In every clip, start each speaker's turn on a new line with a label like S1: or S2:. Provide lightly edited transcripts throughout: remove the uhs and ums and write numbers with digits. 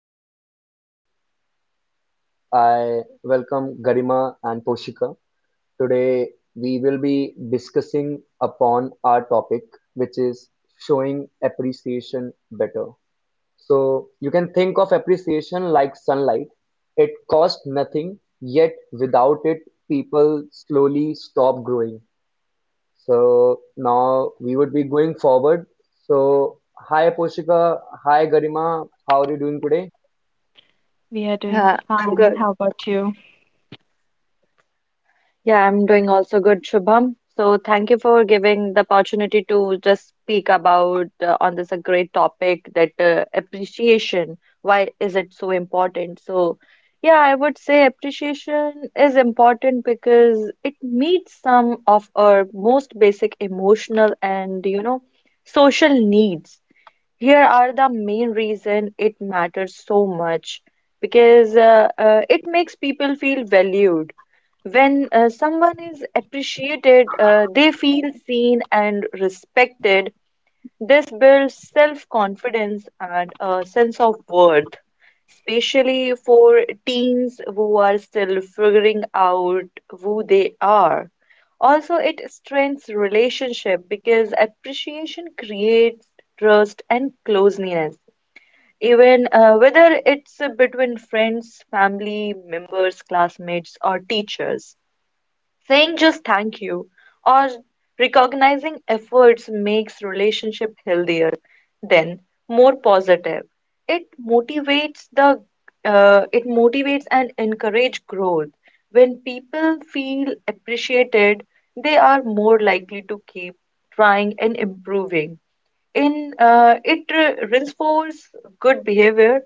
S1: joining today. I welcome Garima and Poshika. Today, we will be discussing upon our topic, which is showing appreciation better. So, you can think of appreciation like sunlight. It costs nothing, yet without it, people slowly stop growing. So, now we would be going forward. So, hi, Poshika. Hi, Garima. How are you doing today?
S2: We are doing
S3: I'm
S2: fine.
S3: good.
S2: How about you?
S3: Yeah, I'm doing also good, Shubham. So thank you for giving the opportunity to just speak about on this a great topic that appreciation. Why is it so important? So yeah, I would say appreciation is important because it meets some of our most basic emotional and social needs. Here are the main reason it matters so much because it makes people feel valued when someone is appreciated, they feel seen and respected. This builds self-confidence and a sense of worth, especially for teens who are still figuring out who they are. Also, it strengthens relationship because appreciation creates trust and closeness, even whether it's between friends, family members, classmates, or teachers. Saying just thank you or recognizing efforts makes relationship healthier, then more positive. It motivates the it motivates and encourage growth. When people feel appreciated, they are more likely to keep trying and improving in reinforces good behavior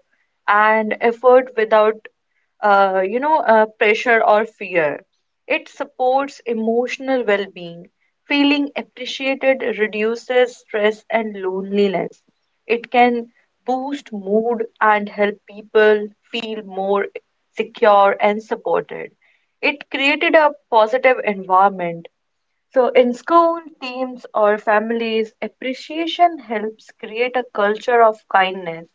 S3: and effort without pressure or fear. It supports emotional well-being. Feeling appreciated reduces stress and loneliness. It can boost mood and help people feel more secure and supported. It created a positive environment. So, in school, teams, or families, appreciation helps create a culture of kindness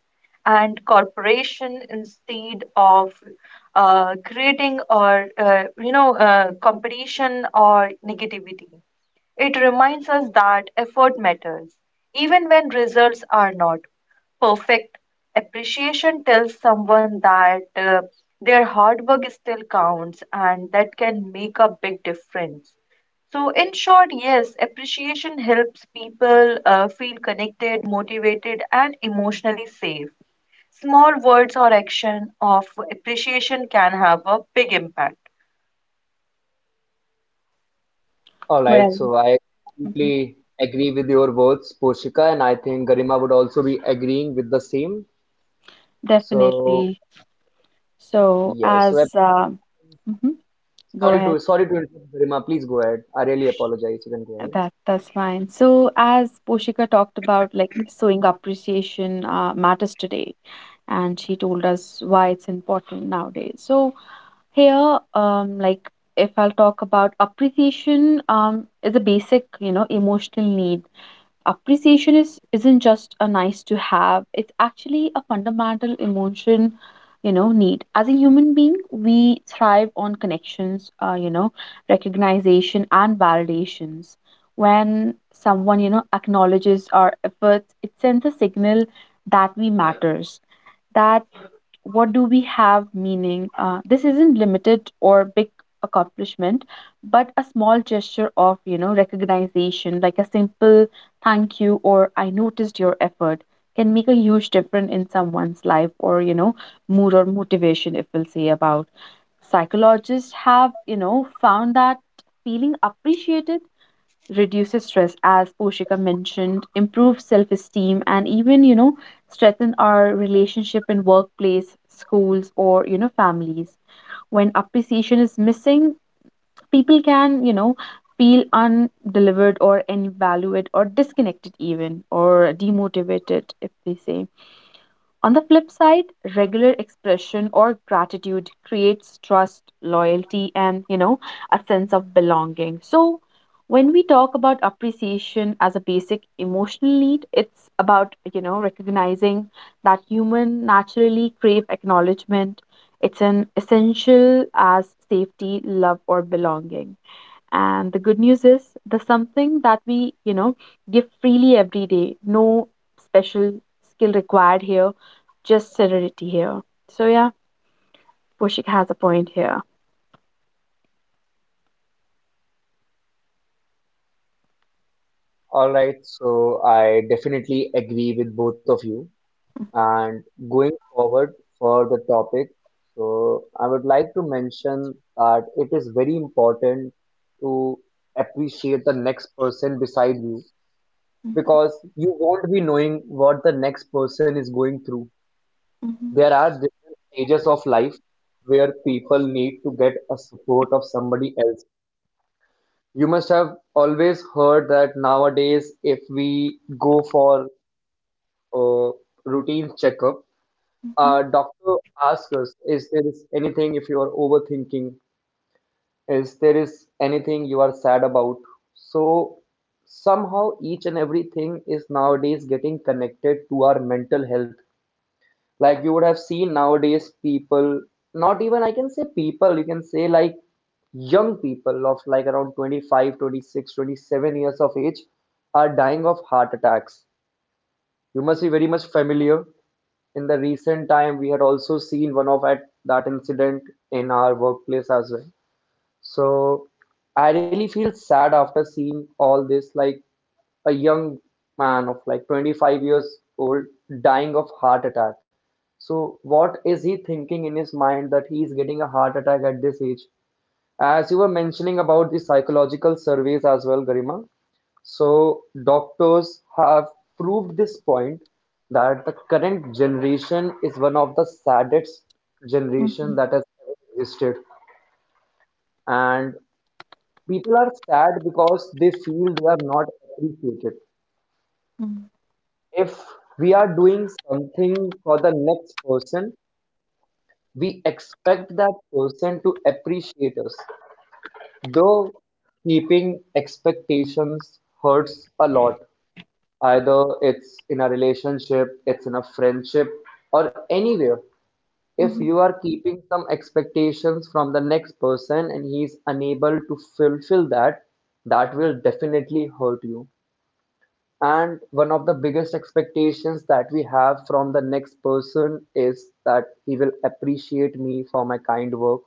S3: and cooperation instead of creating or competition or negativity. It reminds us that effort matters, even when results are not perfect. Appreciation tells someone that their hard work still counts and that can make a big difference. So, in short, yes, appreciation helps people feel connected, motivated, and emotionally safe. Small words or action of appreciation can have a big impact.
S1: All right,
S2: Well,
S1: so I
S2: mhm,
S1: completely agree with your words, Poshika, and I think Garima would also be agreeing with the same. So
S2: definitely. So,
S1: yeah, so I'm
S2: as mhm, go
S1: sorry
S2: ahead.
S1: to sorry to interrupt, Garima. Please go ahead. I really apologize. You can go ahead.
S2: That's fine. So, as Poshika talked about, like showing appreciation matters today, and she told us why it's important nowadays. So, here, like if I'll talk about appreciation, is a basic, emotional need. Appreciation is isn't just a nice to have. It's actually a fundamental emotion, need. As a human being, we thrive on connections, recognition and validations. When someone acknowledges our efforts, it sends a signal that we matters, that what do we have meaning. This isn't limited or big accomplishment, but a small gesture of recognition, like a simple thank you or I noticed your effort, can make a huge difference in someone's life or mood or motivation. If we'll say about psychologists, have found that feeling appreciated reduces stress, as Poshika mentioned, improves self-esteem, and even, strengthen our relationship in workplace, schools, or families. When appreciation is missing, people can, feel undelivered or invalued or disconnected even or demotivated, if we say. On the flip side, regular expression or gratitude creates trust, loyalty, and, a sense of belonging. So, when we talk about appreciation as a basic emotional need, it's about, recognizing that human naturally crave acknowledgement. It's an essential as safety, love, or belonging. And the good news is the something that we, give freely every day. No special skill required here, just serenity here. So yeah, Pushik has a point here.
S1: All right, so I definitely agree with both of you. And going forward for the topic, so I would like to mention that it is very important to appreciate the next person beside you because you won't be knowing what the next person is going through. There are different stages of life where people need to get a support of somebody else. You must have always heard that nowadays, if we go for a routine checkup,
S2: Mhm,
S1: our doctor asks us, is there is anything if you are overthinking? Is there is anything you are sad about? So somehow each and everything is nowadays getting connected to our mental health. Like you would have seen nowadays people, not even I can say people, you can say like young people of like around 25, 26, 27 years of age are dying of heart attacks. You must be very much familiar. In the recent time, we had also seen one of at that incident in our workplace as well. So I really feel sad after seeing all this. Like a young man of like 25 years old dying of heart attack. So what is he thinking in his mind that he is getting a heart attack at this age? As you were mentioning about the psychological surveys as well, Garima. So doctors have proved this point that the current generation is one of the saddest generation
S2: mhm,
S1: that has ever existed. And people are sad because they feel they are not appreciated.
S2: mhm,
S1: If we are doing something for the next person, we expect that person to appreciate us. Though keeping expectations hurts a lot, either it's in a relationship, it's in a friendship, or anywhere. If
S2: mhm,
S1: you are keeping some expectations from the next person and he is unable to fulfill that, that will definitely hurt you. And one of the biggest expectations that we have from the next person is that he will appreciate me for my kind work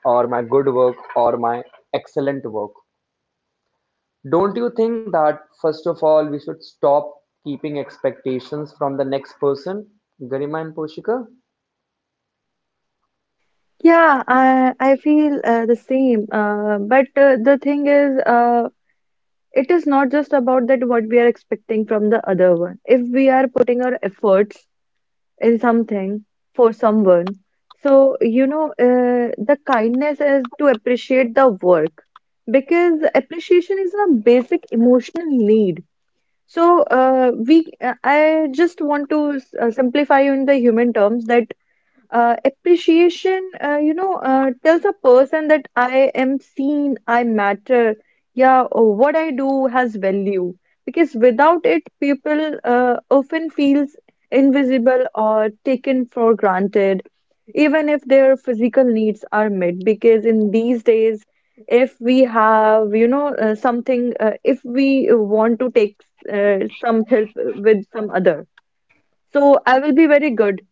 S1: or my good work or my excellent work. Don't you think that, first of all, we should stop keeping expectations from the next person, Garima and Poshika?
S3: Yeah, I feel the same. But the thing is, it is not just about that what we are expecting from the other one. If we are putting our efforts in something for someone. So, you know, the kindness is to appreciate the work because appreciation is a basic emotional need. So, I just want to simplify in the human terms that appreciation, tells a person that I am seen, I matter. Yeah, or what I do has value. Because without it, people often feels invisible or taken for granted, even if their physical needs are met. Because in these days, if we have, you know, if we want to take some help with some other. So I will be very good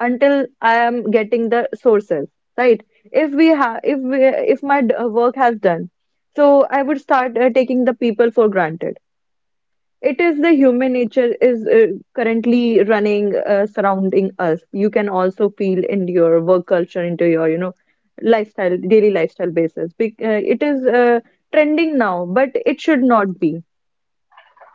S3: until I am getting the sources, right? If we have, if we, if my work has done, so I would start taking the people for granted. It is the human nature is currently running surrounding us. You can also feel in your work culture, into your lifestyle, daily lifestyle basis. It is trending now, but it should not be.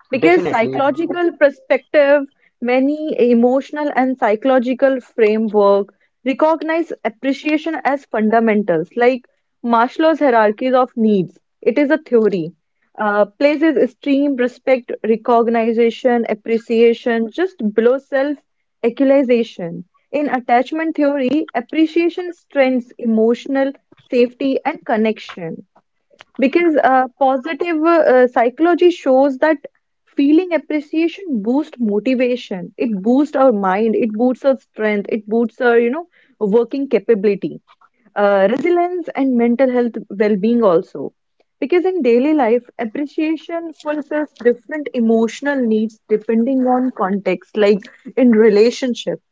S3: Because
S1: Definitely.
S3: psychological perspective, many emotional and psychological framework recognize appreciation as fundamentals, like Maslow's hierarchies of needs. It is a theory. Places esteem, respect, recognition, appreciation just below self actualization. In attachment theory, appreciation strengthens emotional safety and connection. Because positive psychology shows that feeling appreciation boosts motivation. It boosts our mind. It boosts our strength. It boosts our, you know, working capability, resilience, and mental health well-being also. Because in daily life, appreciation fulfills different emotional needs depending on context, like in relationships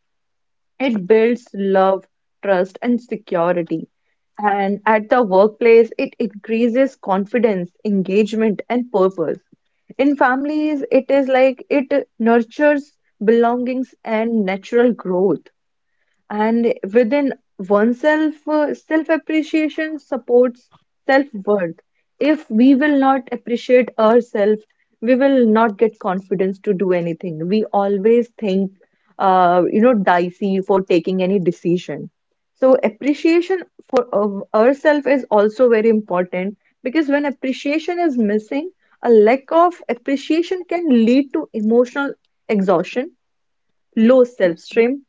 S3: it builds love, trust, and security. And at the workplace, it increases confidence, engagement, and purpose. In families, it is like it nurtures belongings and natural growth, and within oneself self-appreciation supports self-worth. If we will not appreciate ourselves, we will not get confidence to do anything. We always think dicey for taking any decision. So appreciation for of ourselves is also very important, because when appreciation is missing, a lack of appreciation can lead to emotional exhaustion, low self-esteem,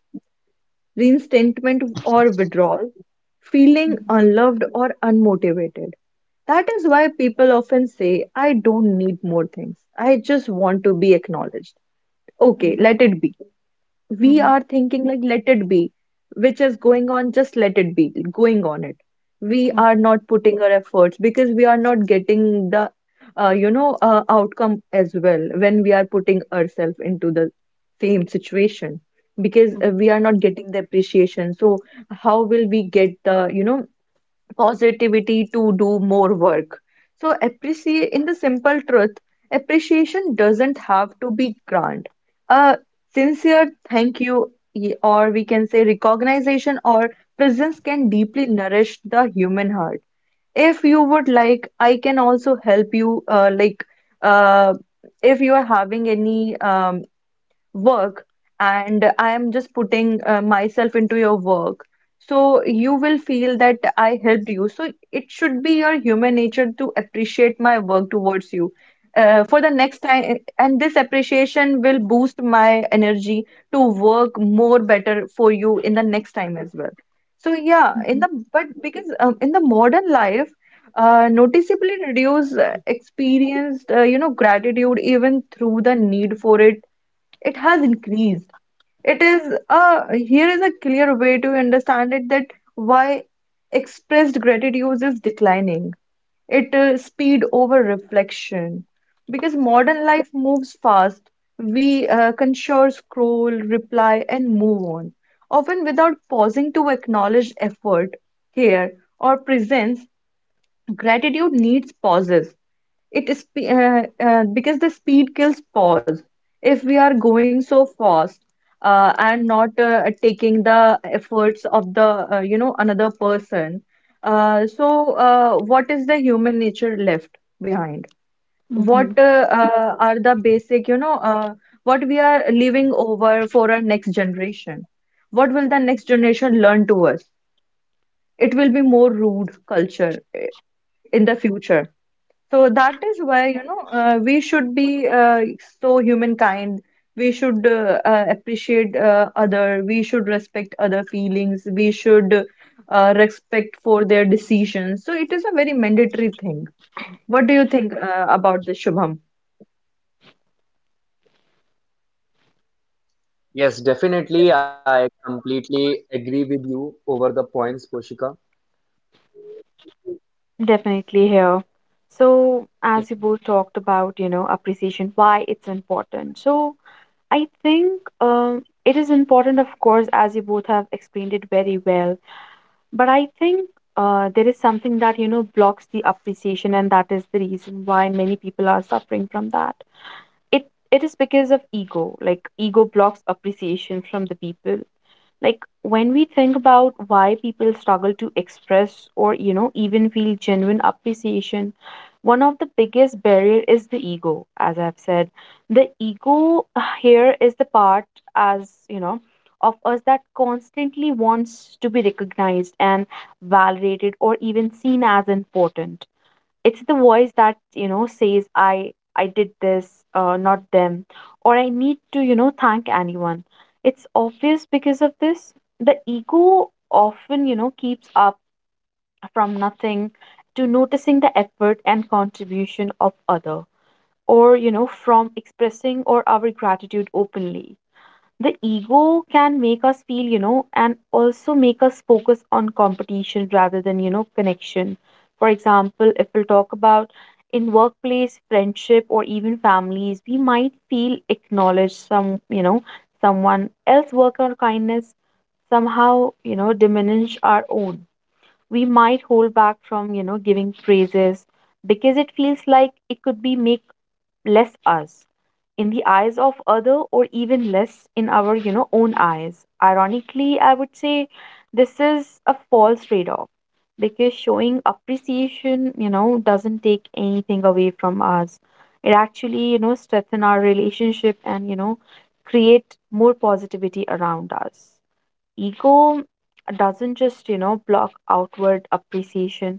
S3: resentment or withdrawal, feeling
S2: mhm,
S3: unloved or unmotivated. That is why people often say, I don't need more things. I just want to be acknowledged. Okay, let it be.
S2: mhm,
S3: We
S2: mhm,
S3: are thinking like let it be, which is going on, just let it be going on. It we are not putting our efforts because we are not getting the outcome as well when we are putting ourselves into the same situation, because
S2: mhm,
S3: we are not getting the appreciation. So how will we get the positivity to do more work. So appreciate in the simple truth, appreciation doesn't have to be grand. A sincere thank you, or we can say recognition or presence can deeply nourish the human heart. If you would like, I can also help you. Uh, if you are having any work and I am just putting myself into your work. So you will feel that I helped you. So it should be your human nature to appreciate my work towards you. For the next time, and this appreciation will boost my energy to work more better for you in the next time as well. So yeah, in
S2: mhm,
S3: the but because in the modern life, noticeably reduce experienced gratitude even through the need for it, it has increased. It is a here is a clear way to understand it that why expressed gratitude is declining. It Speed over reflection because modern life moves fast. We consume, scroll, reply, and move on, often without pausing to acknowledge effort, care, or presence. Gratitude needs pauses. It is because the speed kills pause. If we are going so fast and not taking the efforts of the another person, what is the human nature left behind?
S2: mhm,
S3: What
S2: mhm.
S3: are the basic what we are leaving over for our next generation? What will the next generation learn to us? It will be more rude culture eh, in the future. So that is why, you know, we should be so humankind. We should appreciate other. We should respect other feelings. We should respect for their decisions. So it is a very mandatory thing. What do you think about this, Shubham?
S1: Yes, definitely. I completely agree with you over the points, Poshika.
S2: Definitely here. So, as you both talked about, appreciation, why it's important. So, I think it is important, of course, as you both have explained it very well. But I think there is something that, blocks the appreciation, and that is the reason why many people are suffering from that. It is because of ego. Like, ego blocks appreciation from the people. Like, when we think about why people struggle to express or even feel genuine appreciation, one of the biggest barrier is the ego, as I've said. The ego here is the part, as you know of us, that constantly wants to be recognized and validated or even seen as important. It's the voice that, says I did this, not them, or I need to, thank anyone. It's obvious because of this. The ego often, keeps up from nothing to noticing the effort and contribution of other, or from expressing or our gratitude openly. The ego can make us feel, and also make us focus on competition rather than connection. For example, if we'll talk about in workplace friendship or even families, we might feel acknowledged some, someone else work or kindness somehow diminish our own. We might hold back from giving praises because it feels like it could be make less us in the eyes of other, or even less in our own eyes, ironically, I would say. This is a false trade-off because showing appreciation doesn't take anything away from us. It actually strengthen our relationship, and create more positivity around us. Ego doesn't just block outward appreciation.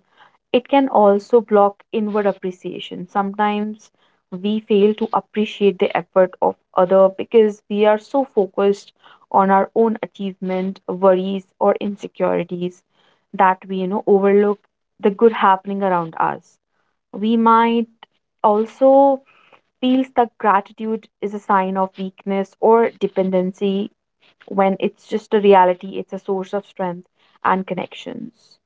S2: It can also block inward appreciation. Sometimes we fail to appreciate the effort of other because we are so focused on our own achievement, worries, or insecurities, that we overlook the good happening around us. We might also feel that gratitude is a sign of weakness or dependency, when it's just a reality, it's a source of strength and connections.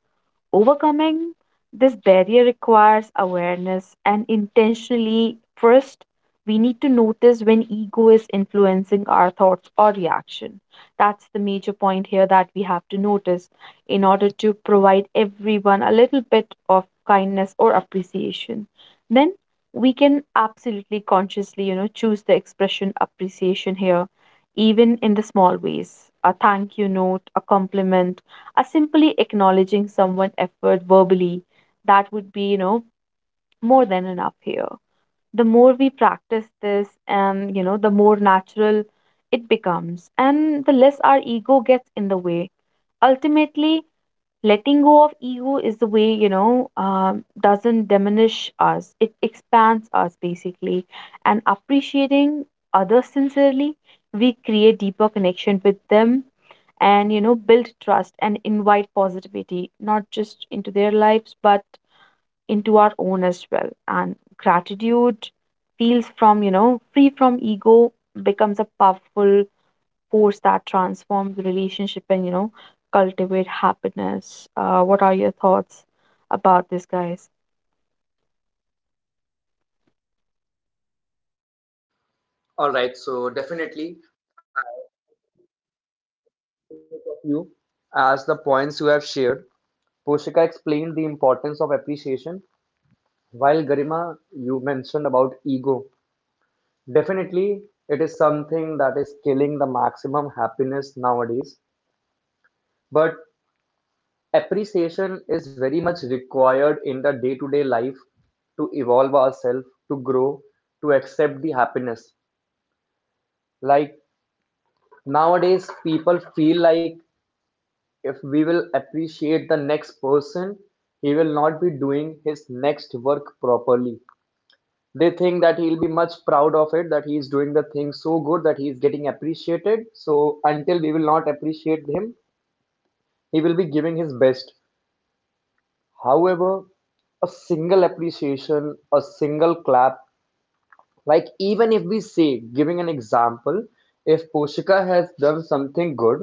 S2: Overcoming this barrier requires awareness and intentionally. First, we need to notice when ego is influencing our thoughts or reaction. That's the major point here, that we have to notice in order to provide everyone a little bit of kindness or appreciation. Then we can absolutely consciously, choose the expression appreciation here, even in the small ways. A thank you note, a compliment, as simply acknowledging someone's effort verbally, that would be, more than enough here. The more we practice this, and, the more natural it becomes, and the less our ego gets in the way. Ultimately, letting go of ego is the way, doesn't diminish us. It expands us basically. And appreciating others sincerely, we create deeper connection with them, and build trust and invite positivity, not just into their lives but into our own as well. And gratitude feels from free from ego, becomes a powerful force that transforms the relationship, and cultivate happiness. What are your thoughts about this, guys?
S1: All right, so definitely of view as the points you have shared. Poshika explained the importance of appreciation, while Garima, you mentioned about ego. Definitely, it is something that is killing the maximum happiness nowadays. But appreciation is very much required in the day to day life to evolve ourselves, to grow, to accept the happiness. Like nowadays, people feel like if we will appreciate the next person, he will not be doing his next work properly. They think that he'll be much proud of it, that he is doing the thing so good that he is getting appreciated. So until we will not appreciate him, he will be giving his best. However, a single appreciation, a single clap, like even if we say, giving an example, if Poshika has done something good,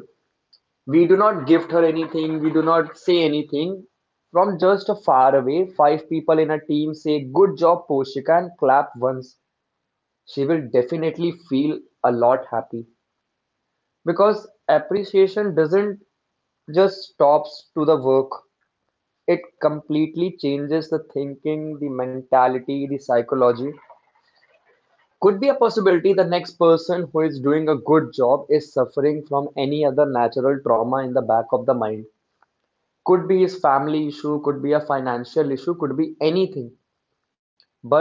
S1: we do not gift her anything, we do not say anything. From just far away, five people in a team say, "Good job, Poshika," and clap once. She will definitely feel a lot happy. Because appreciation doesn't just stops to the work, it completely changes the thinking, the mentality, the psychology. Could be a possibility the next person who is doing a good job is suffering from any other natural trauma in the back of the mind. Could be his family issue, could be a financial issue, could be anything. But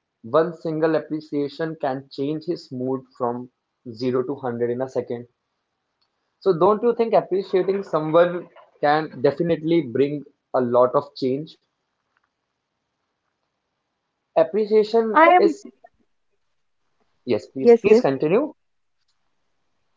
S1: one single appreciation can change his mood from 0 to 100 in a second. So, don't you think appreciating someone can definitely bring a lot of change? Appreciation
S3: I am
S1: is. Yes, please, please
S3: yes, yes.
S1: continue.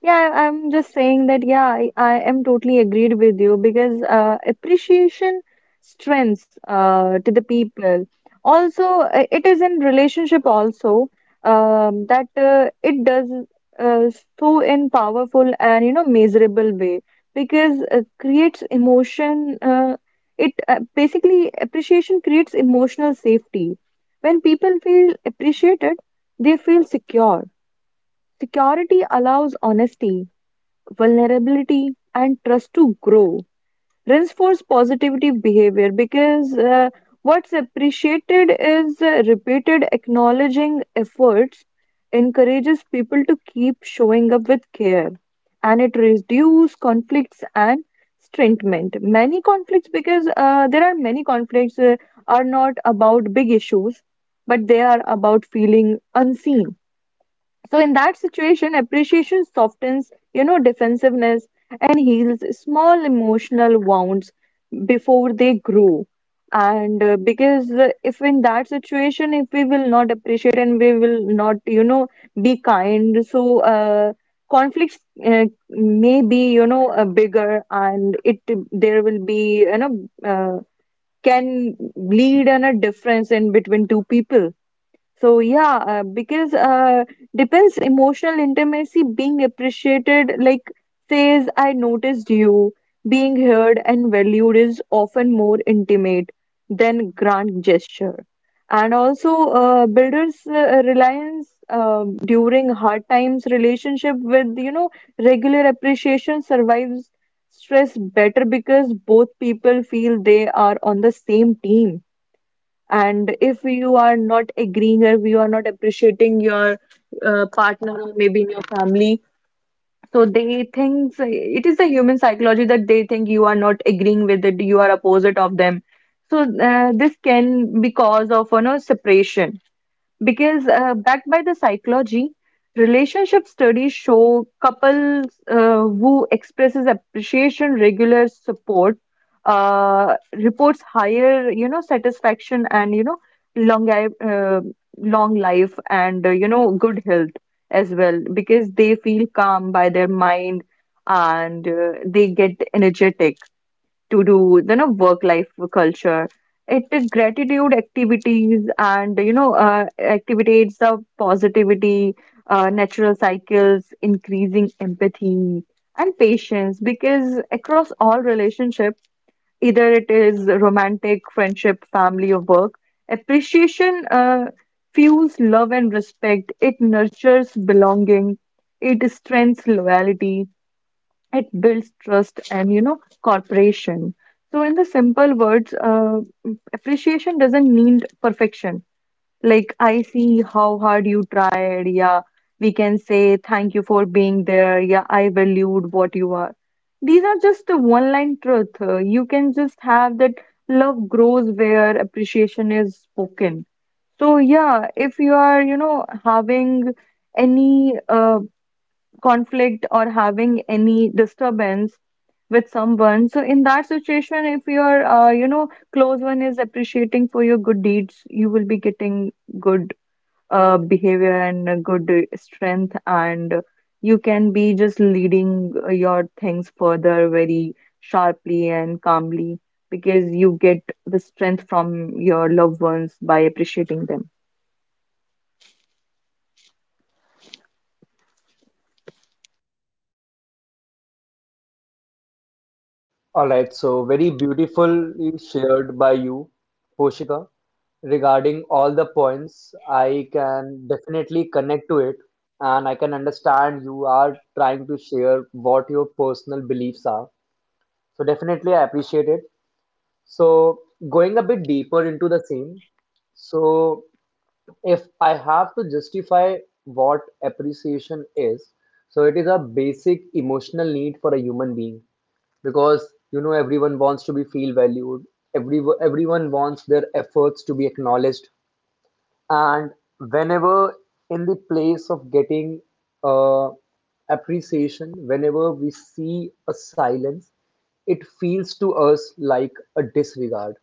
S3: Yeah, I'm just saying that, yeah, I am totally agreed with you because appreciation strengths to the people. Also, it is in relationship also that it does uh, so in powerful and measurable way because creates emotion. It Basically appreciation creates emotional safety. When people feel appreciated, they feel secure. Security allows honesty, vulnerability, and trust to grow. Reinforce positive behavior because what's appreciated is repeated. Acknowledging efforts encourages people to keep showing up with care, and it reduces conflicts and strengthenment. Many conflicts, because there are many conflicts, are not about big issues, but they are about feeling unseen. So in that situation, appreciation softens, you know, defensiveness and heals small emotional wounds before they grow. And because if in that situation, if we will not appreciate and we will not, you know, be kind, so conflicts uh, may be, you know, bigger, and it there will be, you know, can lead in a difference in between two people. So yeah, because depends emotional intimacy being appreciated, like says I noticed you, being heard and valued is often more intimate than grand gesture. And also, builders reliance during hard times relationship with regular appreciation survives stress better because both people feel they are on the same team. And if you are not agreeing or you are not appreciating your partner or maybe in your family, so they think it is the human psychology that they think you are not agreeing with it, you are opposite of them. So this can be cause of separation because backed by the psychology relationship studies show couples who expresses appreciation regular support reports higher satisfaction and long li- uh, long life and good health as well because they feel calm by their mind and they get energetic to do work life culture. It is gratitude activities and activates the positivity, natural cycles, increasing empathy and patience, because across all relationships, either it is romantic, friendship, family, or work, appreciation fuels love and respect. It nurtures belonging, it strengthens loyalty, it builds trust and cooperation. So in the simple words, appreciation doesn't need perfection. Like, I see how hard you tried, yeah. We can say thank you for being there, yeah, I valued what you are. These are just a one line truth. You can just have that. Love grows where appreciation is spoken. So yeah, if you are having any conflict or having any disturbance with someone. So in that situation, if your close one is appreciating for your good deeds, you will be getting good behavior and a good strength, and you can be just leading your things further very sharply and calmly, because you get the strength from your loved ones by appreciating them.
S1: All right, so very beautifully shared by you, Poshika, regarding all the points. I can definitely connect to it, and I can understand you are trying to share what your personal beliefs are. So, definitely, I appreciate it. So, going a bit deeper into the same, so if I have to justify what appreciation is, so it is a basic emotional need for a human being because you know everyone wants to be feel valued. Everyone wants their efforts to be acknowledged, and whenever in the place of getting uh, appreciation, whenever we see a silence, it feels to us like a disregard.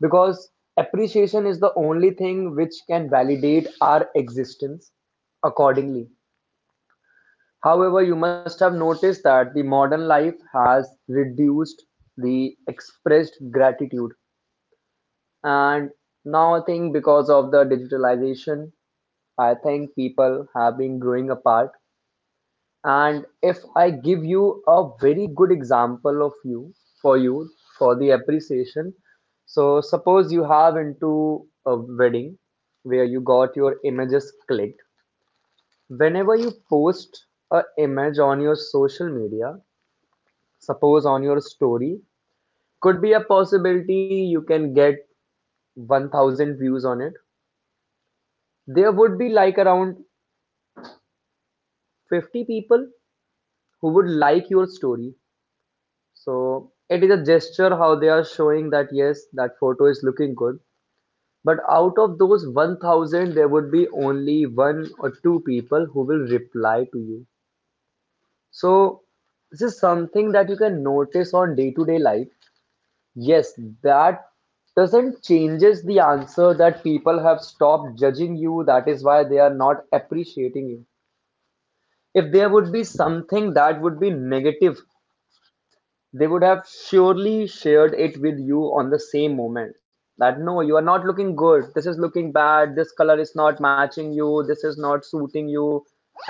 S1: Because appreciation is the only thing which can validate our existence accordingly. However, you must have noticed that the modern life has reduced the expressed gratitude. And now I think because of the digitalization, I think people have been growing apart. And if I give you a very good example of you for you for the appreciation, so suppose you have into a wedding where you got your images clicked. Whenever you post a image on your social media, suppose on your story, could be a possibility you can get 1000 views on it. There would be like around 50 people who would like your story. So it is a gesture how they are showing that yes, that photo is looking good. But out of those 1000, there would be only one or two people who will reply to you. So this is something that you can notice on day-to-day life. Yes, that doesn't changes the answer that people have stopped judging you. That is why they are not appreciating you. If there would be something that would be negative, they would have surely shared it with you on the same moment that no, you are not looking good, this is looking bad, this color is not matching you, this is not suiting you,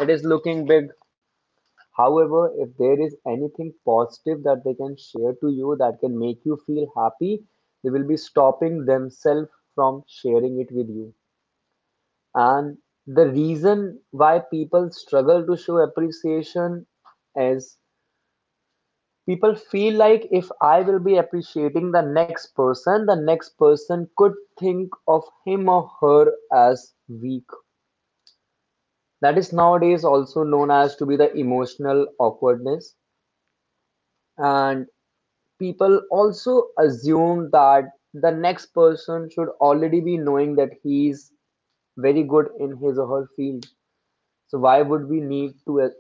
S1: it is looking big. However, if there is anything positive that they can share to you that can make you feel happy, they will be stopping themselves from sharing it with you. And the reason why people struggle to show appreciation is people feel like if I will be appreciating the next person could think of him or her as weak. That is nowadays also known as to be the emotional awkwardness. And people also assume that the next person should already be knowing that he is very good in his or her field. So why would we need to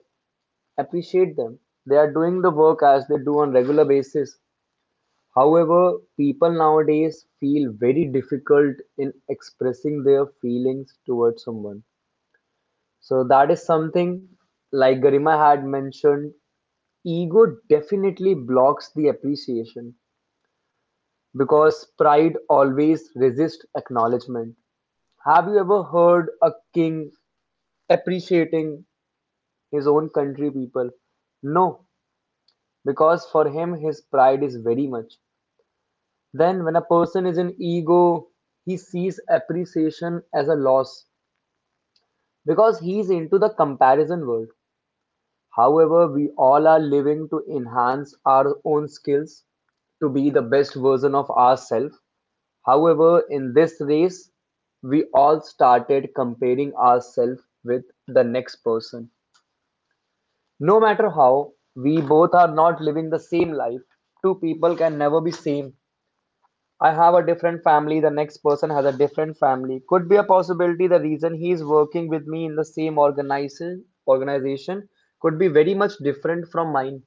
S1: appreciate them? They are doing the work as they do on regular basis. However, people nowadays feel very difficult in expressing their feelings towards someone. So that is something like Garima had mentioned, ego definitely blocks the appreciation because pride always resists acknowledgement. Have you ever heard a king appreciating his own country people? No, because for him his pride is very much. Then, when a person is in ego, he sees appreciation as a loss because he is into the comparison world. However, we all are living to enhance our own skills to be the best version of ourselves. However, in this race, we all started comparing ourselves with the next person. No matter how, we both are not living the same life. Two people can never be same. I have a different family, the next person has a different family. Could be a possibility the reason he is working with me in the same organization could be very much different from mine.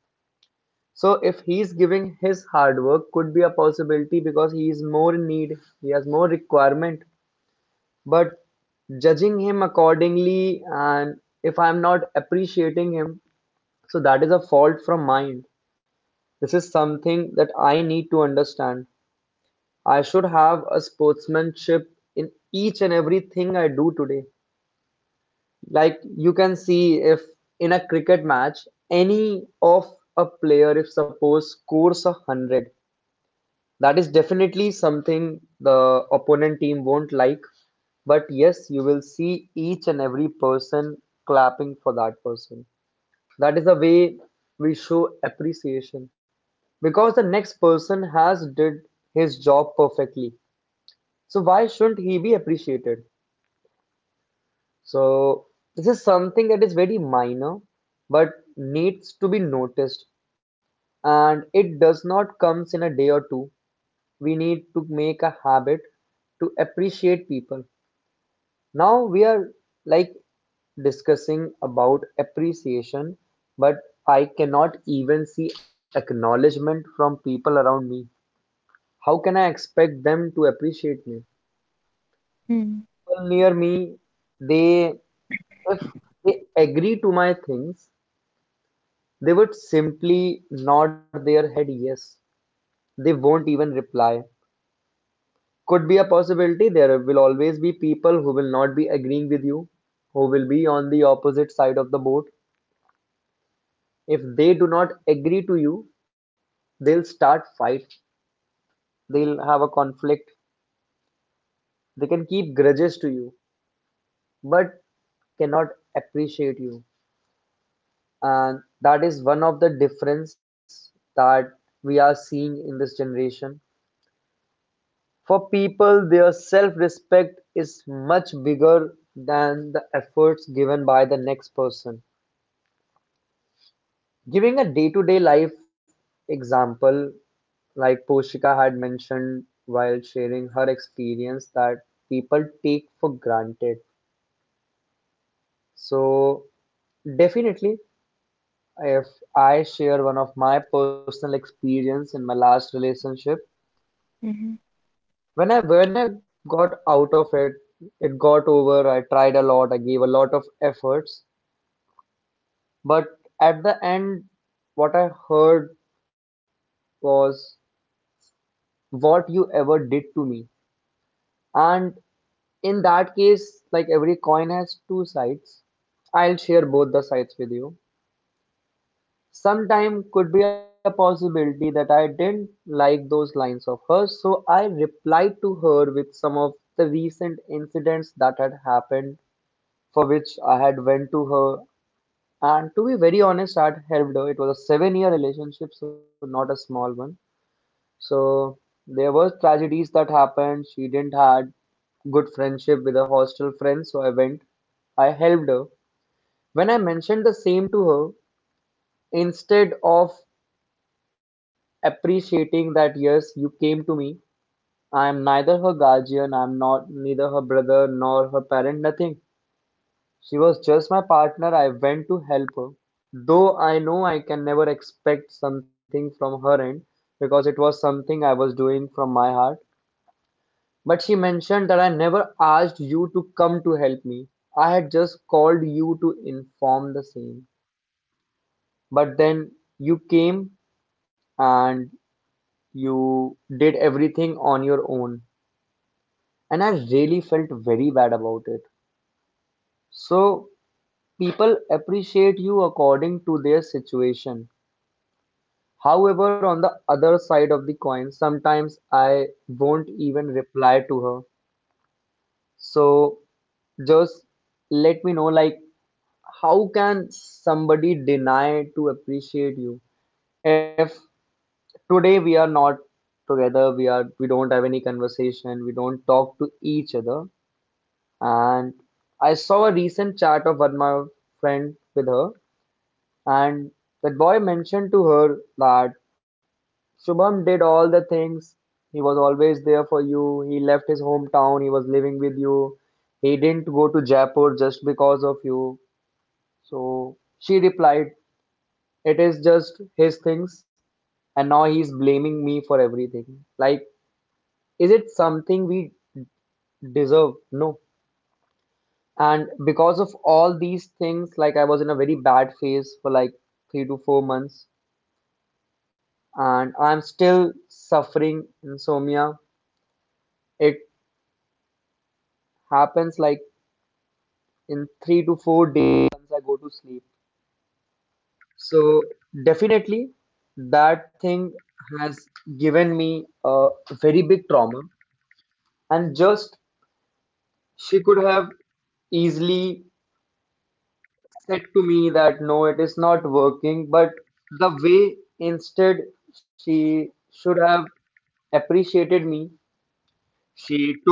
S1: So if he is giving his hard work, could be a possibility because he is more in need, he has more requirement. But judging him accordingly and if I am not appreciating him, so that is a fault from mine. This is something that I need to understand. I should have a sportsmanship in each and everything I do today. Like you can see if in a cricket match, any of a player, if suppose scores 100, that is definitely something the opponent team won't like. But yes, you will see each and every person clapping for that person. That is the way we show appreciation because the next person has did his job perfectly, so why shouldn't he be appreciated? So this is something that is very minor, but needs to be noticed, and it does not comes in a day or two. We need to make a habit to appreciate people. Now we are like discussing about appreciation, but I cannot even see acknowledgement from people around me. How can I expect them to appreciate me?
S2: Hmm.
S1: People near me, they If they agree to my things, they would simply nod their head yes. They won't even reply. Could be a possibility. There will always be people who will not be agreeing with you, who will be on the opposite side of the boat. If they do not agree to you, they'll start fight. They'll have a conflict. They can keep grudges to you, but cannot appreciate you. And that is one of the difference that we are seeing in this generation. For people, their self-respect is much bigger than the efforts given by the next person. Giving a day-to-day life example, like Poshika had mentioned while sharing her experience that people take for granted. So definitely, if I share one of my personal experience in my last relationship,
S2: Mm-hmm.
S1: when I got out of it, it got over. I tried a lot. I gave a lot of efforts, but at the end, what I heard was what you ever did to me. And in that case, like every coin has two sides. I'll share both the sides with you. Sometime could be a possibility that I didn't like those lines of hers, so I replied to her with some of the recent incidents that had happened for which I had went to her. And to be very honest, I had helped her. It was a seven-year relationship, so not a small one. So there were tragedies that happened. She didn't had good friendship with her hostel friends, so I went. I helped her. When I mentioned the same to her, instead of appreciating that yes, you came to me, I am neither her guardian, I am not neither her brother nor her parent, nothing. She was just my partner. I went to help her, though I know I can never expect something from her end because it was something I was doing from my heart. But she mentioned that I never asked you to come to help me. I had just called you to inform the same. But then you came and you did everything on your own. And I really felt very bad about it. So people appreciate you according to their situation. However, on the other side of the coin, sometimes I won't even reply to her. So just let me know, like, how can somebody deny to appreciate you if today we are not together, we don't have any conversation, we don't talk to each other, and I saw a recent chat of one of my friend with her, and that boy mentioned to her that Shubham did all the things. He was always there for you. He left his hometown. He was living with you. He didn't go to Jaipur just because of you. So she replied, it is just his things. And now he's blaming me for everything. Like, is it something we deserve? No. And because of all these things, like I was in a very bad phase for like 3 to 4 months. And I'm still suffering insomnia. It happens like in 3 to 4 days once I go to sleep. So definitely that thing has given me a very big trauma, and just she could have easily said to me that no it is not working, but the way, instead she should have appreciated me, she took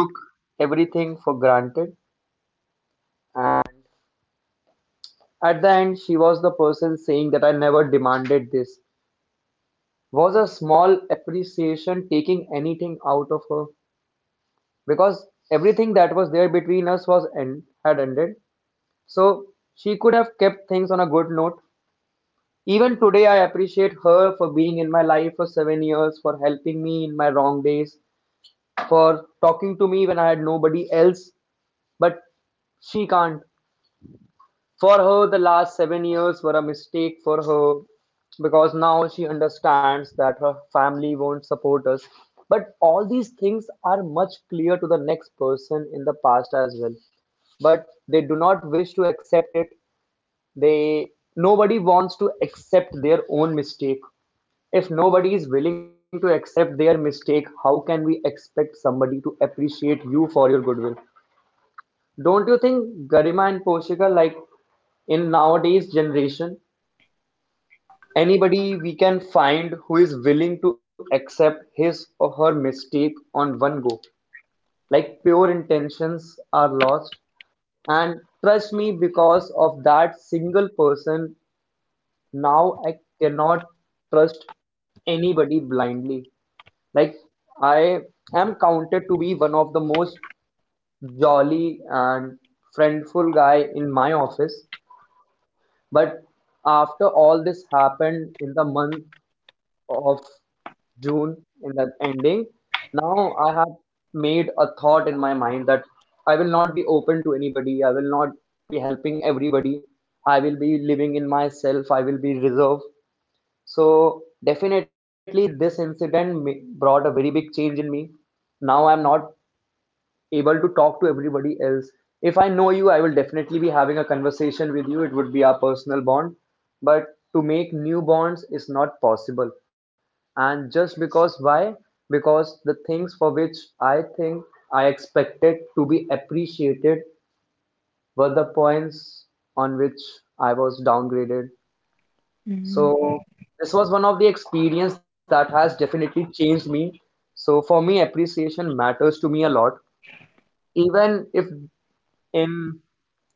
S1: everything for granted. And at the end she was the person saying that I never demanded this was a small appreciation taking anything out of her, because everything that was there between us was end, had ended. So she could have kept things on a good note. Even today I appreciate her for being in my life for 7 years, for helping me in my wrong days, for talking to me when I had nobody else, but she can't. For her, the last 7 years were a mistake for her because now she understands that her family won't support us. But all these things are much clear to the next person in the past as well. But they do not wish to accept it. They Nobody wants to accept their own mistake. If nobody is willing to accept their mistake, how can we expect somebody to appreciate you for your goodwill? Don't you think Garima and Poshika, like in nowadays generation, anybody we can find who is willing to accept his or her mistake on one go. Like pure intentions are lost. And trust me, because of that single person, now I cannot trust anybody blindly. Like I am counted to be one of the most jolly and friendful guy in my office. But after all this happened in the month of June, in the ending, now I have made a thought in my mind that I will not be open to anybody. I will not be helping everybody. I will be living in myself. I will be reserved. So definitely, this incident brought a very big change in me. Now I'm not able to talk to everybody else. If I know you, I will definitely be having a conversation with you. It would be our personal bond. But to make new bonds is not possible. And just because, why? Because the things for which I think I expected to be appreciated were the points on which I was downgraded.
S2: Mhm.
S1: So this was one of the experience that has definitely changed me. So for me, appreciation matters to me a lot, even if Im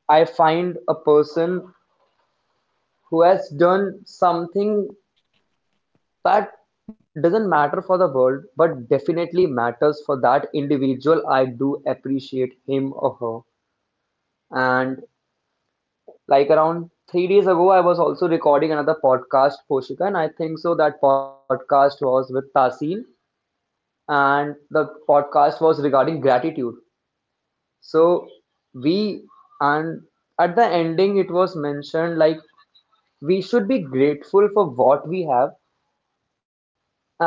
S1: I find a person who has done something that doesn't matter for the world, but definitely matters for that individual. I do appreciate him or her. And like around 3 days ago, I was also recording another podcast, Poshika, and I think so that podcast was with Tasin, and the podcast was regarding gratitude. So we, and at the ending, it was mentioned like we should be grateful for what we have, and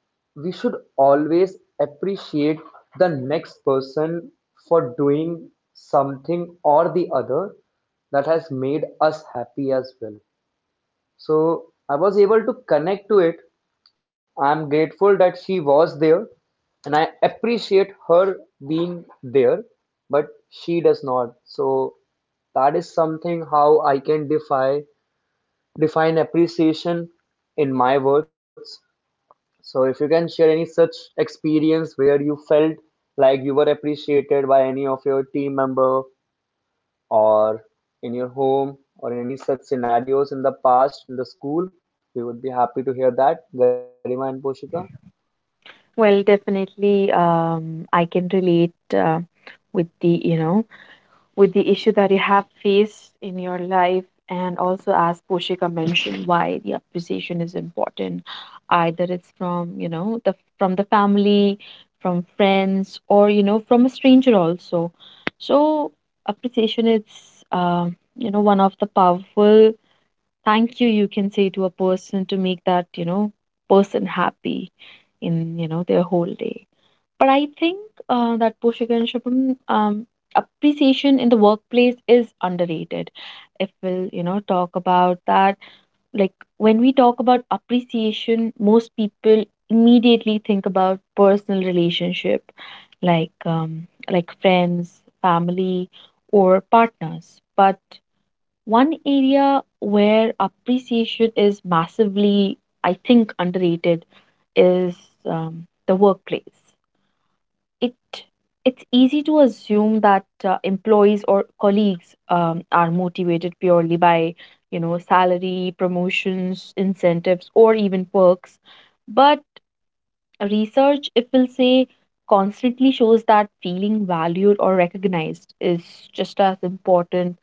S1: we should always appreciate the next person for doing something or the other that has made us happy as well. So I was able to connect to it. I'm grateful that she was there and I appreciate her being there, but she does not. So that is something how I can defy define appreciation in my words. So if you can share any such experience where you felt like you were appreciated by any of your team member or in your home or any such scenarios in the past in the school, we would be happy to hear that, Garima and Poshika.
S2: Well, definitely, I can relate, with the, you know, with the issue that you have faced in your life, and also as Poshika mentioned, why the appreciation is important, either it's from the family, from friends, or from a stranger also. So appreciation is one of the powerful thank you you can say to a person, to make that person happy in their whole day. But I think that Poshika and Shubham, appreciation in the workplace is underrated. If we'll, talk about that, like, when we talk about appreciation, most people immediately think about personal relationship, like friends, family, or partners. But one area where appreciation is massively, I think, underrated is the workplace. It it's easy to assume that employees or colleagues are motivated purely by salary, promotions, incentives, or even perks. But research, if we'll say, constantly shows that feeling valued or recognized is just as important,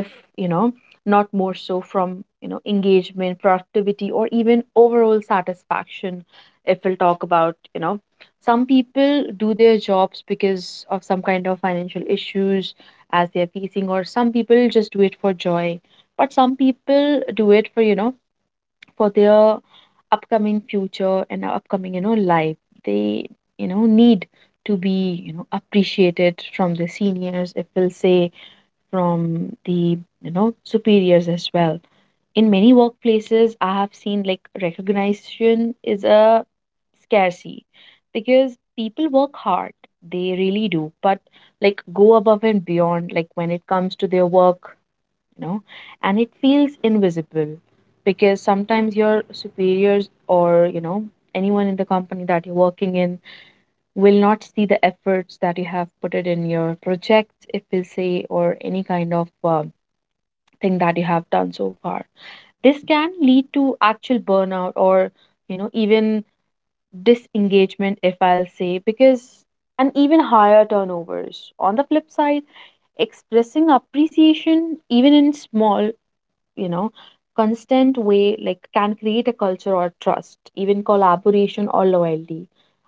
S2: if you know not more so, from engagement, productivity, or even overall satisfaction. If we'll talk about, some people do their jobs because of some kind of financial issues as they're facing, or some people just do it for joy, but some people do it for for their upcoming future, and upcoming life. They need to be appreciated from the seniors, if we'll say, from the superiors as well. In many workplaces, I have seen like recognition is a scarcity because people work hard, they really do, but like go above and beyond, like when it comes to their work, you know and it feels invisible because sometimes your superiors, or anyone in the company that you're working in, will not see the efforts that you have put it in your projects, if we say, or any kind of thing that you have done so far. This can lead to actual burnout, or, even disengagement, if I'll say, because and even higher turnovers. On the flip side, expressing appreciation, even in small you know constant way, like, can create a culture or trust, even collaboration or loyalty.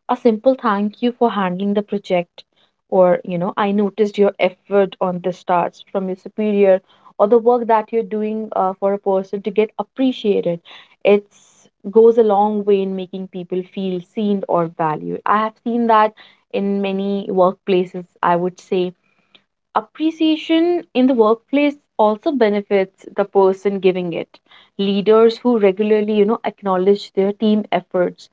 S2: A simple thank you for handling the project, or I noticed your effort on this, starts from your superior, or the work that you're doing, for a person to get appreciated. It's goes a long way in making people feel seen or valued, I have seen that in many workplaces, I would say. Appreciation in the workplace also benefits the person giving it. Leaders who regularly, acknowledge their team efforts,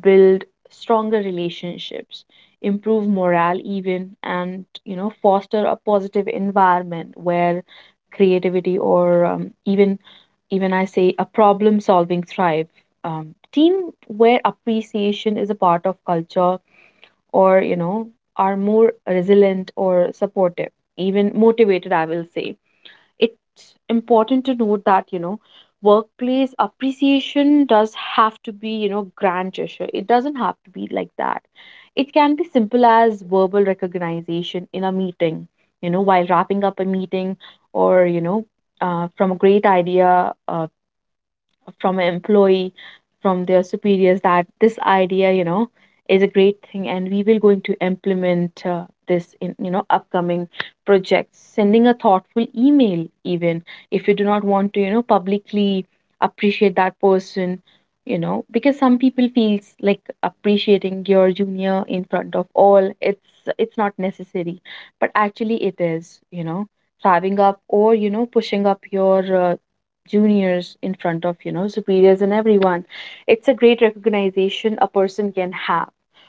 S2: build stronger relationships, improve morale even, and, foster a positive environment where creativity, or even I say, a problem solving thrive. Team where appreciation is a part of culture, or are more resilient or supportive, even motivated, I will say. It's important to note that workplace appreciation does have to be grand gesture. It doesn't have to be like that. It can be simple as verbal recognition in a meeting, while wrapping up a meeting, or from a great idea, from an employee, from their superiors, that this idea, is a great thing, and we will going to implement, this in upcoming projects. Sending a thoughtful email, even if you do not want to, publicly appreciate that person, because some people feels like appreciating your junior in front of all it's not necessary, but actually it is, driving up or pushing up your juniors in front of, superiors and everyone. It's a great recognition a person can have,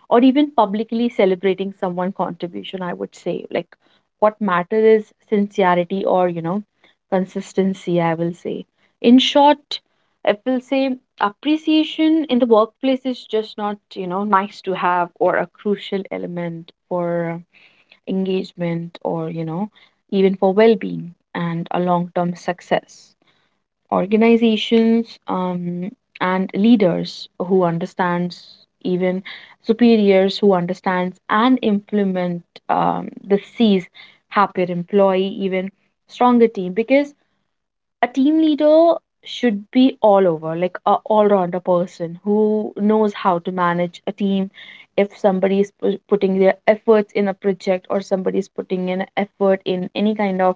S2: or even publicly celebrating someone contribution. I would say, like, what matters is sincerity or, consistency, I will say. In short, I will say appreciation in the workplace is just not, nice to have or a crucial element for engagement or, even for well-being and a long-term success. Organizations and leaders who understands, even superiors who understands and implement the sees happier employee, even stronger team. Because a team leader should be all over, like a all-rounder person who knows how to manage a team. If somebody is putting their efforts in a project, or somebody is putting in effort in any kind of,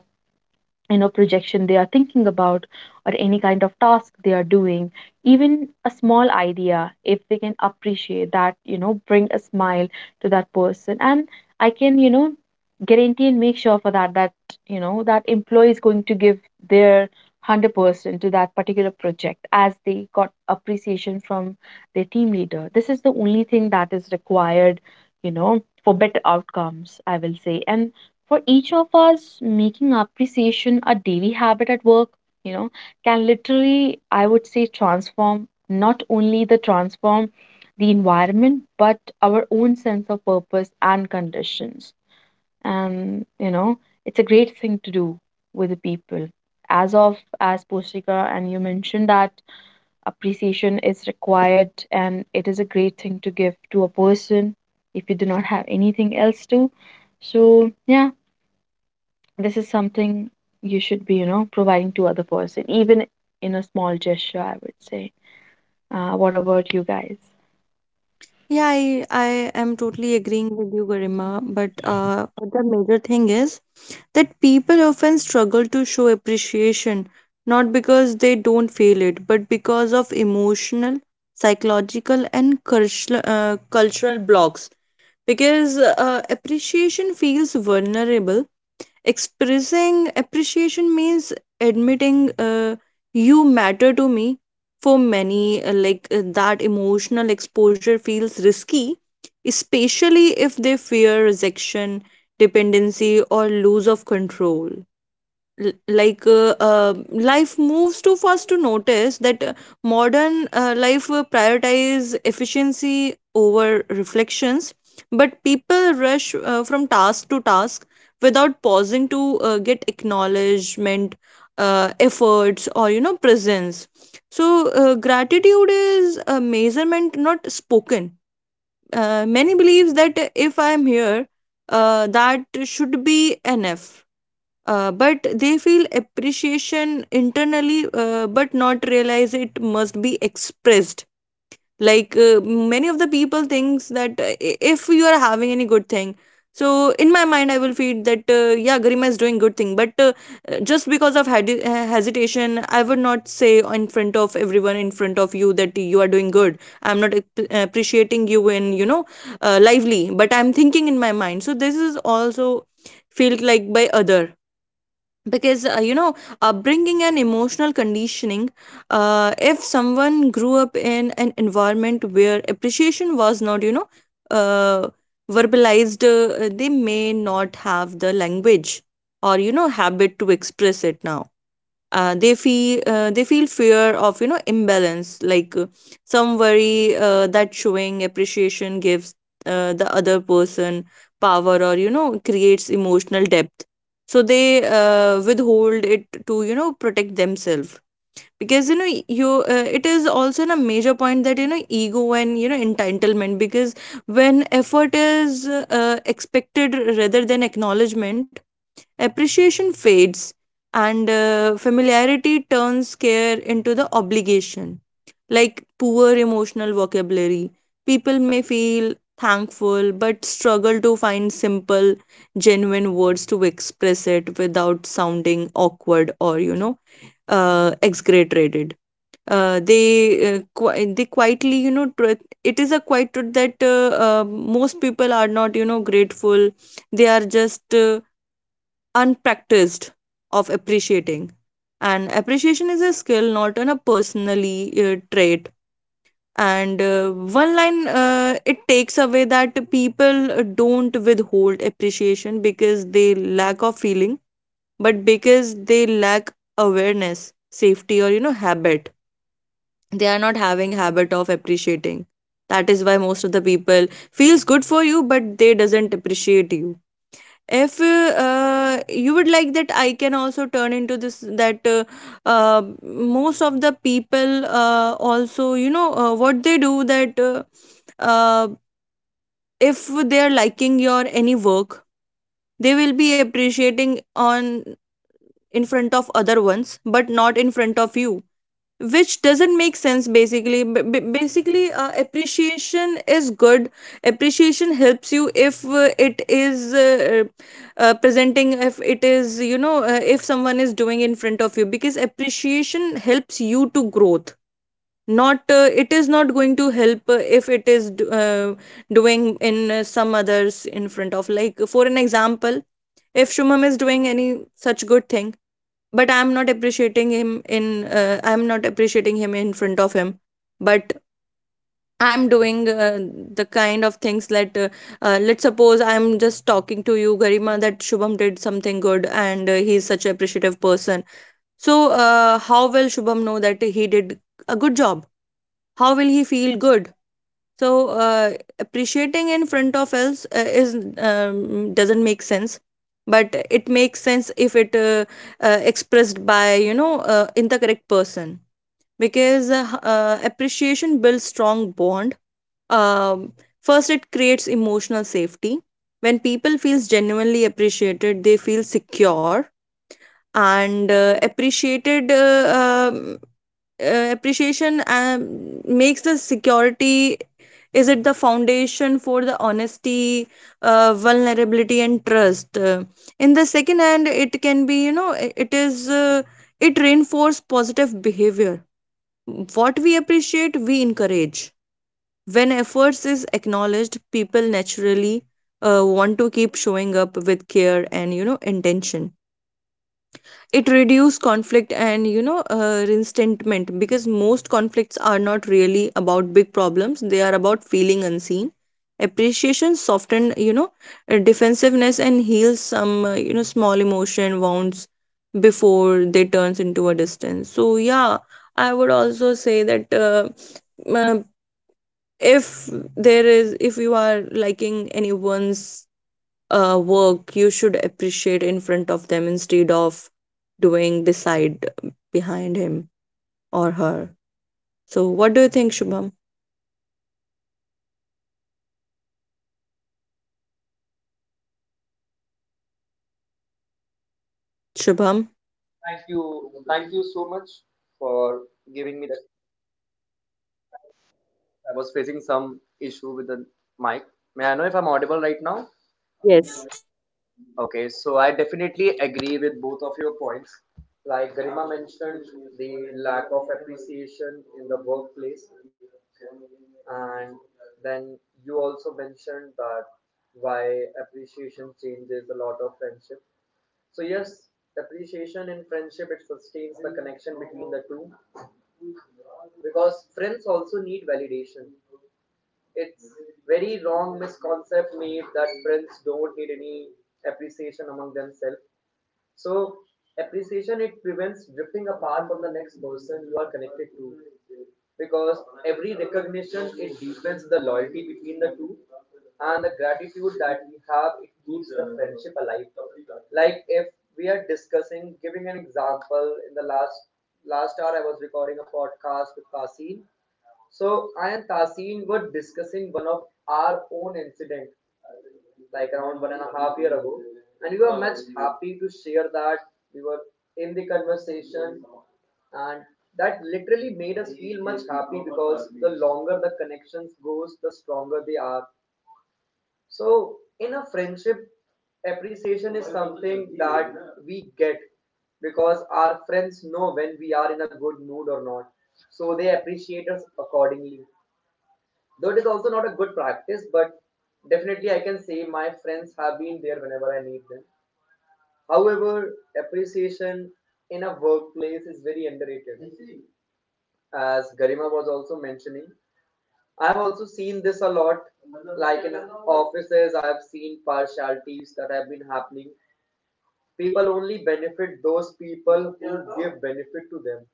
S2: projection they are thinking about, or any kind of task they are doing, even a small idea, if we can appreciate that, bring a smile to that person. And I can, guarantee and make sure for that, that, that employee is going to give their 100% to that particular project, as they got appreciation from their team leader. This is the only thing that is required, for better outcomes, I will say. And for each of us, making appreciation a daily habit at work, you know, can literally, I would say, transform not only the transform the environment, but our own sense of purpose and conditions. And it's a great thing to do with the people. As of as Poshika and you mentioned that appreciation is required and it is a great thing to give to a person if you do not have anything else to. So yeah, this is something you should be, providing to other person, even in a small gesture, I would say. What about you guys?
S3: Yeah, I am totally agreeing with you, Garima. But the major thing is that people often struggle to show appreciation, not because they don't feel it, but because of emotional, psychological, and cultural, cultural blocks. Because appreciation feels vulnerable. Expressing appreciation means admitting, you matter to me. For many, that emotional exposure feels risky, especially if they fear rejection, dependency, or lose of control. l- like uh, uh, Life moves too fast to notice that, modern life prioritize efficiency over reflections, but people rush from task to task without pausing to get acknowledgement, efforts or presence. So gratitude is a measurement not spoken. Many believes that if I am here, that should be enough. But they feel appreciation internally, but not realize it must be expressed. Like, many of the people thinks that, if you are having any good thing, so in my mind I will feel that, yeah, Garima is doing good thing, but just because of hesitation I would not say in front of everyone, in front of you, that you are doing good. I'm not appreciating you in, lively, but I'm thinking in my mind. So this is also felt like by other, because upbringing and emotional conditioning. If someone grew up in an environment where appreciation was not, uh, verbalized, they may not have the language or habit to express it now. They feel, they feel fear of, imbalance. Like, some worry that showing appreciation gives the other person power, or creates emotional depth. So they withhold it to protect themselves. Because you know you it is also a major point that, ego and entitlement, because when effort is expected rather than acknowledgement, appreciation fades, and familiarity turns care into the obligation. Like, poor emotional vocabulary, people may feel thankful but struggle to find simple, genuine words to express it without sounding awkward or exaggerated. They quietly, truth, it is a quiet truth that most people are not, grateful. They are just unpracticed of appreciating. And appreciation is a skill, not an, a personally trait. And one line, it takes away that people don't withhold appreciation because they lack of feeling, but because they lack awareness, safety, or habit. They are not having habit of appreciating. That is why most of the people feels good for you, but they doesn't appreciate you. If you would like that, I can also turn into this that, most of the people also, what they do that, uh, if they are liking your any work, they will be appreciating on, in front of other ones, but not in front of you, which doesn't make sense. Basically, basically, appreciation is good. Appreciation helps you if it is presenting, if it is, if someone is doing in front of you, because appreciation helps you to growth. Not it is not going to help if it is doing in some others in front of. Like for an example, if Shumam is doing any such good thing, but I'm not appreciating him in, I'm not appreciating him in front of him, but I'm doing the kind of things that, let's suppose I'm just talking to you, Garima, that Shubham did something good and he's such an appreciative person. So how will Shubham know that he did a good job? How will he feel good? So uh, appreciating in front of else, is, doesn't make sense. But it makes sense if it expressed by, in the correct person. Because appreciation builds strong bond. um, First, it creates emotional safety. When people feels genuinely appreciated, they feel secure, and appreciated appreciation makes the security, is it the foundation for the honesty, vulnerability and trust. In the second hand, it can be, it is, it reinforce positive behavior. What we appreciate, we encourage. When efforts is acknowledged, people naturally want to keep showing up with care and intention. It reduces conflict and, resentment, because most conflicts are not really about big problems, they are about feeling unseen. Appreciation soften, defensiveness, and heals some, small emotion wounds before they turns into a distance. So yeah, I would also say that, uh, if there is, if you are liking anyone's work, you should appreciate in front of them, instead of doing beside, behind him or her. So, what do you think, Shubham? Shubham?
S1: Thank you. Thank you so much for giving me that. I was facing some issue with the mic. May I know if I'm audible right now?
S3: Yes.
S1: Okay, so I definitely agree with both of your points. Like Garima mentioned, the lack of appreciation in the workplace, and then you also mentioned that why appreciation changes a lot of friendship. So yes, appreciation in friendship it sustains the connection between the two because friends also need validation. It's very wrong misconcept made that friends don't need any appreciation among themselves. So appreciation it prevents drifting apart from the next person you are connected to, because every recognition it deepens the loyalty between the two, and the gratitude that we have it keeps the friendship alive. Like if we are discussing, giving an example, in the last hour I was recording a podcast with Kasim. So I and Tasin were discussing one of our own incident like around 1.5 year ago, and we were much happy to share that we were in the conversation, and that literally made us feel much happy because the longer the connections goes, the stronger they are. So in a friendship, appreciation is something that we get because our friends know when we are in a good mood or not, so they appreciate us accordingly. Though it is also not a good practice, but definitely I can say my friends have been there whenever I need them. However, appreciation in a workplace is very underrated. As Garima was also mentioning, I have also seen this a lot. Like in offices, I have seen partialities that have been happening. People only benefit those people who give benefit to them.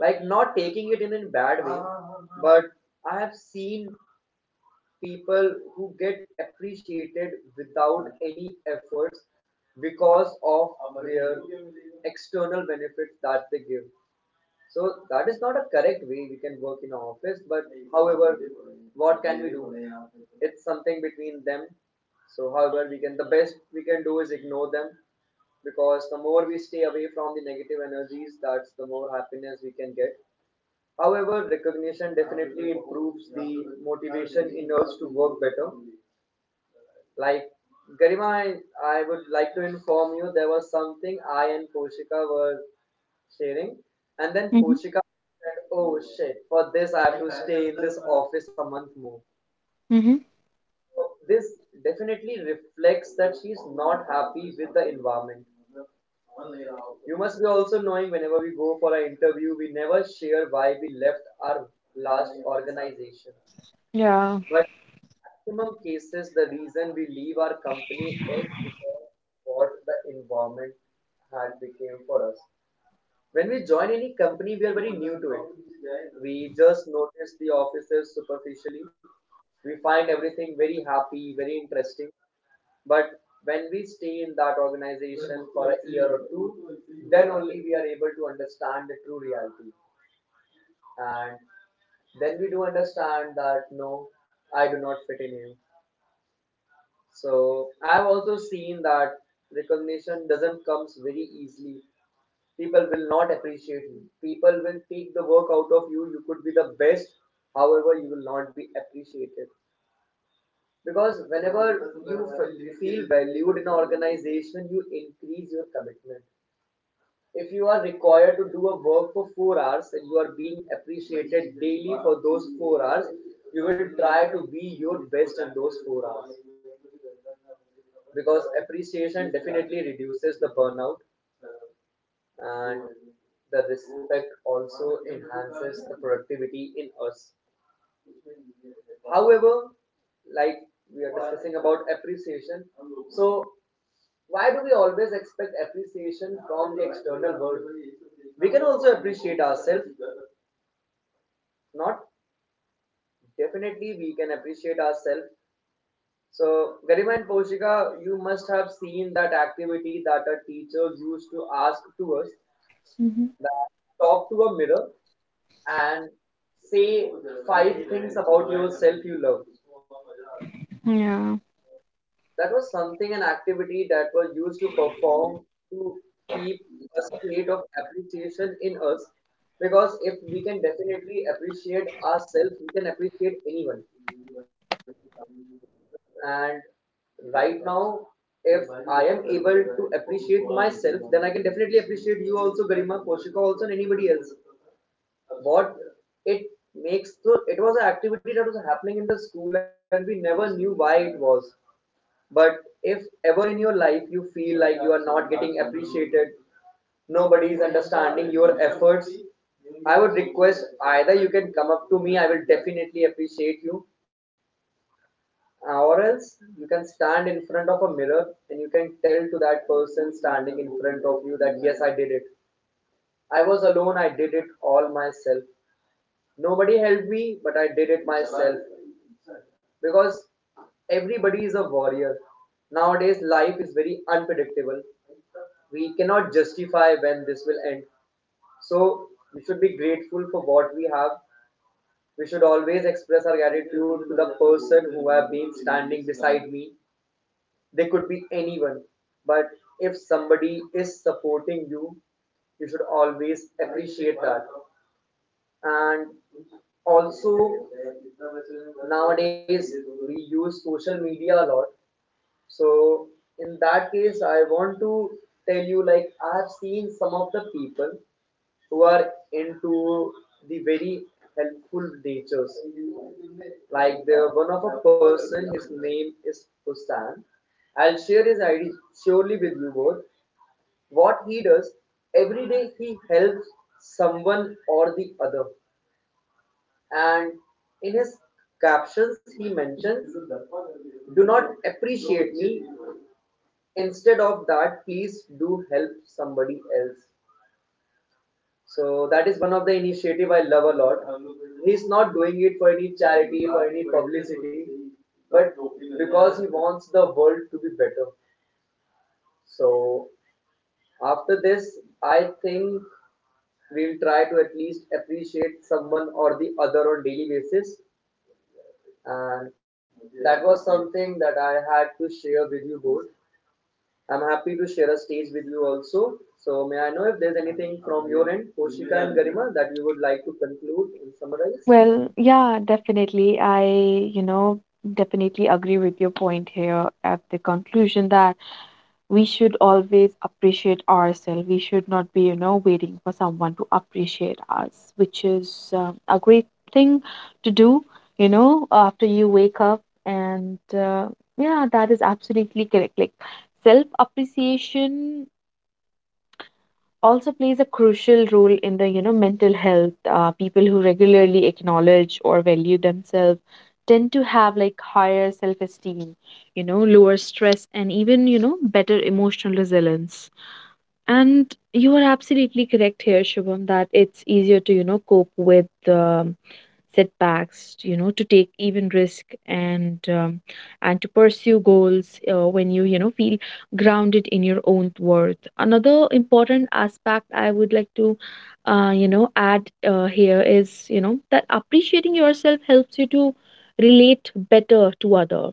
S1: Like not taking it in a bad way, but I have seen people who get appreciated without any efforts because of their external benefits that they give. So that is not a correct way we can work in our office, but however, what can we do? It's something between them. So however we can the best we can do is ignore them, because the more we stay away from the negative energies, that's the more happiness we can get. However, recognition definitely improves the motivation in us to work better. Like Garima, I would like to inform you there was something I and Poshika were sharing, and then
S2: Mm-hmm.
S1: Poshika said, "Oh shit! For this, I have to stay in this office a month more."
S2: Mm-hmm.
S1: So This definitely reflects that she's not happy with the environment. You must be also knowing whenever we go for an interview, we never share why we left our last organization.
S2: Yeah.
S1: But in maximum cases, the reason we leave our company is because what the environment had became for us. When we join any company, we are very new to it. We just notice the offices superficially, we find everything very happy, very interesting. But when we stay in that organization for a year or two, then only we are able to understand the true reality. And then we do understand that no, I do not fit in here. So I've also seen that recognition doesn't comes very easily. People will not appreciate you. People will take the work out of you. You could be the best, however, you will not be appreciated. Because whenever you feel valued in an organization, you increase your commitment. If you are required to do a work for 4 hours and you are being appreciated daily for those 4 hours, you will try to be your best in those 4 hours. Because appreciation definitely reduces the burnout and the respect also enhances the productivity in us. However, like we are discussing about appreciation, so why do we always expect appreciation from the external world? We can also appreciate ourselves. Not definitely, we can appreciate ourselves. So, Garima and Poshika, you must have seen that activity that a teacher used to ask to us,
S2: Mm-hmm.
S1: that talk to a mirror and say five things about yourself you love.
S2: Yeah.
S1: That was something, an activity that was used to perform to keep a state of appreciation in us, because if we can definitely appreciate ourselves, we can appreciate anyone. And right now, if I am able to appreciate myself, then I can definitely appreciate you also, Garima, Koshika also, and anybody else. What it makes, so it was an activity that was happening in the school and we never knew why it was. But if ever in your life you feel like you are not getting appreciated, nobody is understanding your efforts, I would request either you can come up to me, I will definitely appreciate you, or else you can stand in front of a mirror and you can tell to that person standing in front of you that yes, I did it. I was alone, I did it all myself. Nobody helped me, but I did it myself because everybody is a warrior. Nowadays, life is very unpredictable. We cannot justify when this will end. So, we should be grateful for what we have. We should always express our gratitude to the person who have been standing beside me. They could be anyone, but if somebody is supporting you, you should always appreciate that. And also, nowadays we use social media a lot, so in that case I want to tell you, like, I have seen some of the people who are into the very helpful natures, like the one of a person, his name is Hussan. I'll share his ID surely with you both. What he does, every day he helps someone or the other, and in his captions, he mentions, "Do not appreciate me. Instead of that, please do help somebody else." So that is one of the initiative I love a lot. He's not doing it for any charity, for any publicity, but because he wants the world to be better. So after this, I think we'll try to at least appreciate someone or the other on daily basis. And that was something that I had to share with you both. I'm happy to share a stage with you also. So may I know if there's anything from your end, Poshika and Garima, that you would like to conclude and summarize?
S2: Well, yeah, definitely. I, you know, definitely agree with your point here at the conclusion that we should always appreciate ourselves. We should not be, waiting for someone to appreciate us, which is a great thing to do, after you wake up. And yeah, that is absolutely correct. Like, self appreciation also plays a crucial role in the, mental health. People who regularly acknowledge or value themselves tend to have, like, higher self esteem, lower stress, and even, better emotional resilience. And you are absolutely correct here, Shubham, that it's easier to, cope with setbacks, to take even risk, and to pursue goals when you know feel grounded in your own worth. Another important aspect I would like to add here is, that appreciating yourself helps you to relate better to other.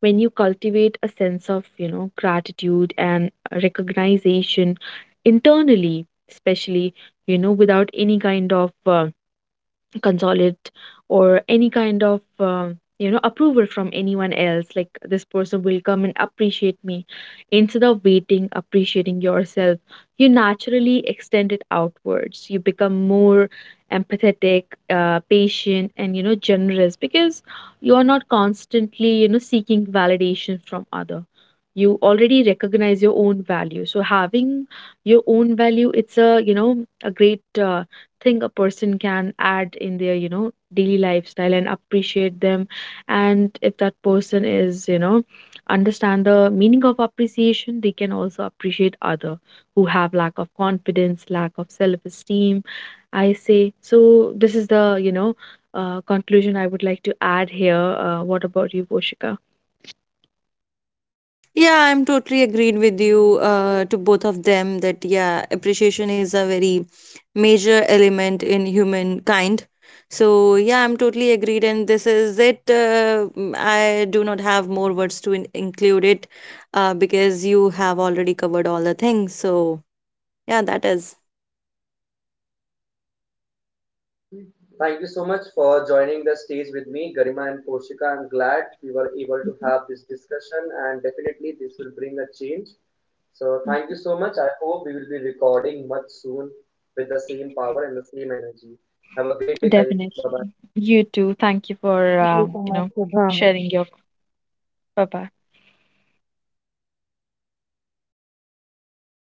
S2: When you cultivate a sense of, gratitude and recognition internally, especially, without any kind of consolidate or any kind of approval from anyone else, like, this person will come and appreciate me. Instead of waiting, appreciating yourself, you naturally extend it outwards. You become more empathetic, patient and, generous, because you are not constantly, seeking validation from other. You already recognize your own value. So having your own value, it's a, a great thing a person can add in their, daily lifestyle and appreciate them. And if that person is, understand the meaning of appreciation, they can also appreciate other who have lack of confidence, lack of self esteem, I say. So this is the, conclusion I would like to add here. What about you, Poshika?
S3: Yeah, I'm totally agreed with you to both of them that, yeah, appreciation is a very major element in humankind. So, yeah, I'm totally agreed. And this is it. I do not have more words to include it, because you have already covered all the things. So, yeah, that is.
S1: Thank you so much for joining the stage with me, Garima and Poshika. I'm glad we were able to have this discussion and definitely this will bring a change. So
S2: Mm.
S1: thank you so much. I hope we will be recording much soon with the same power and the same energy. Have a great day, guys. Bye
S2: Definitely.
S1: bye.
S2: You too. Thank you for
S3: Thank
S2: uh,
S3: you so
S2: you
S3: much,
S2: know
S3: Prabha.
S2: sharing your. Bye bye.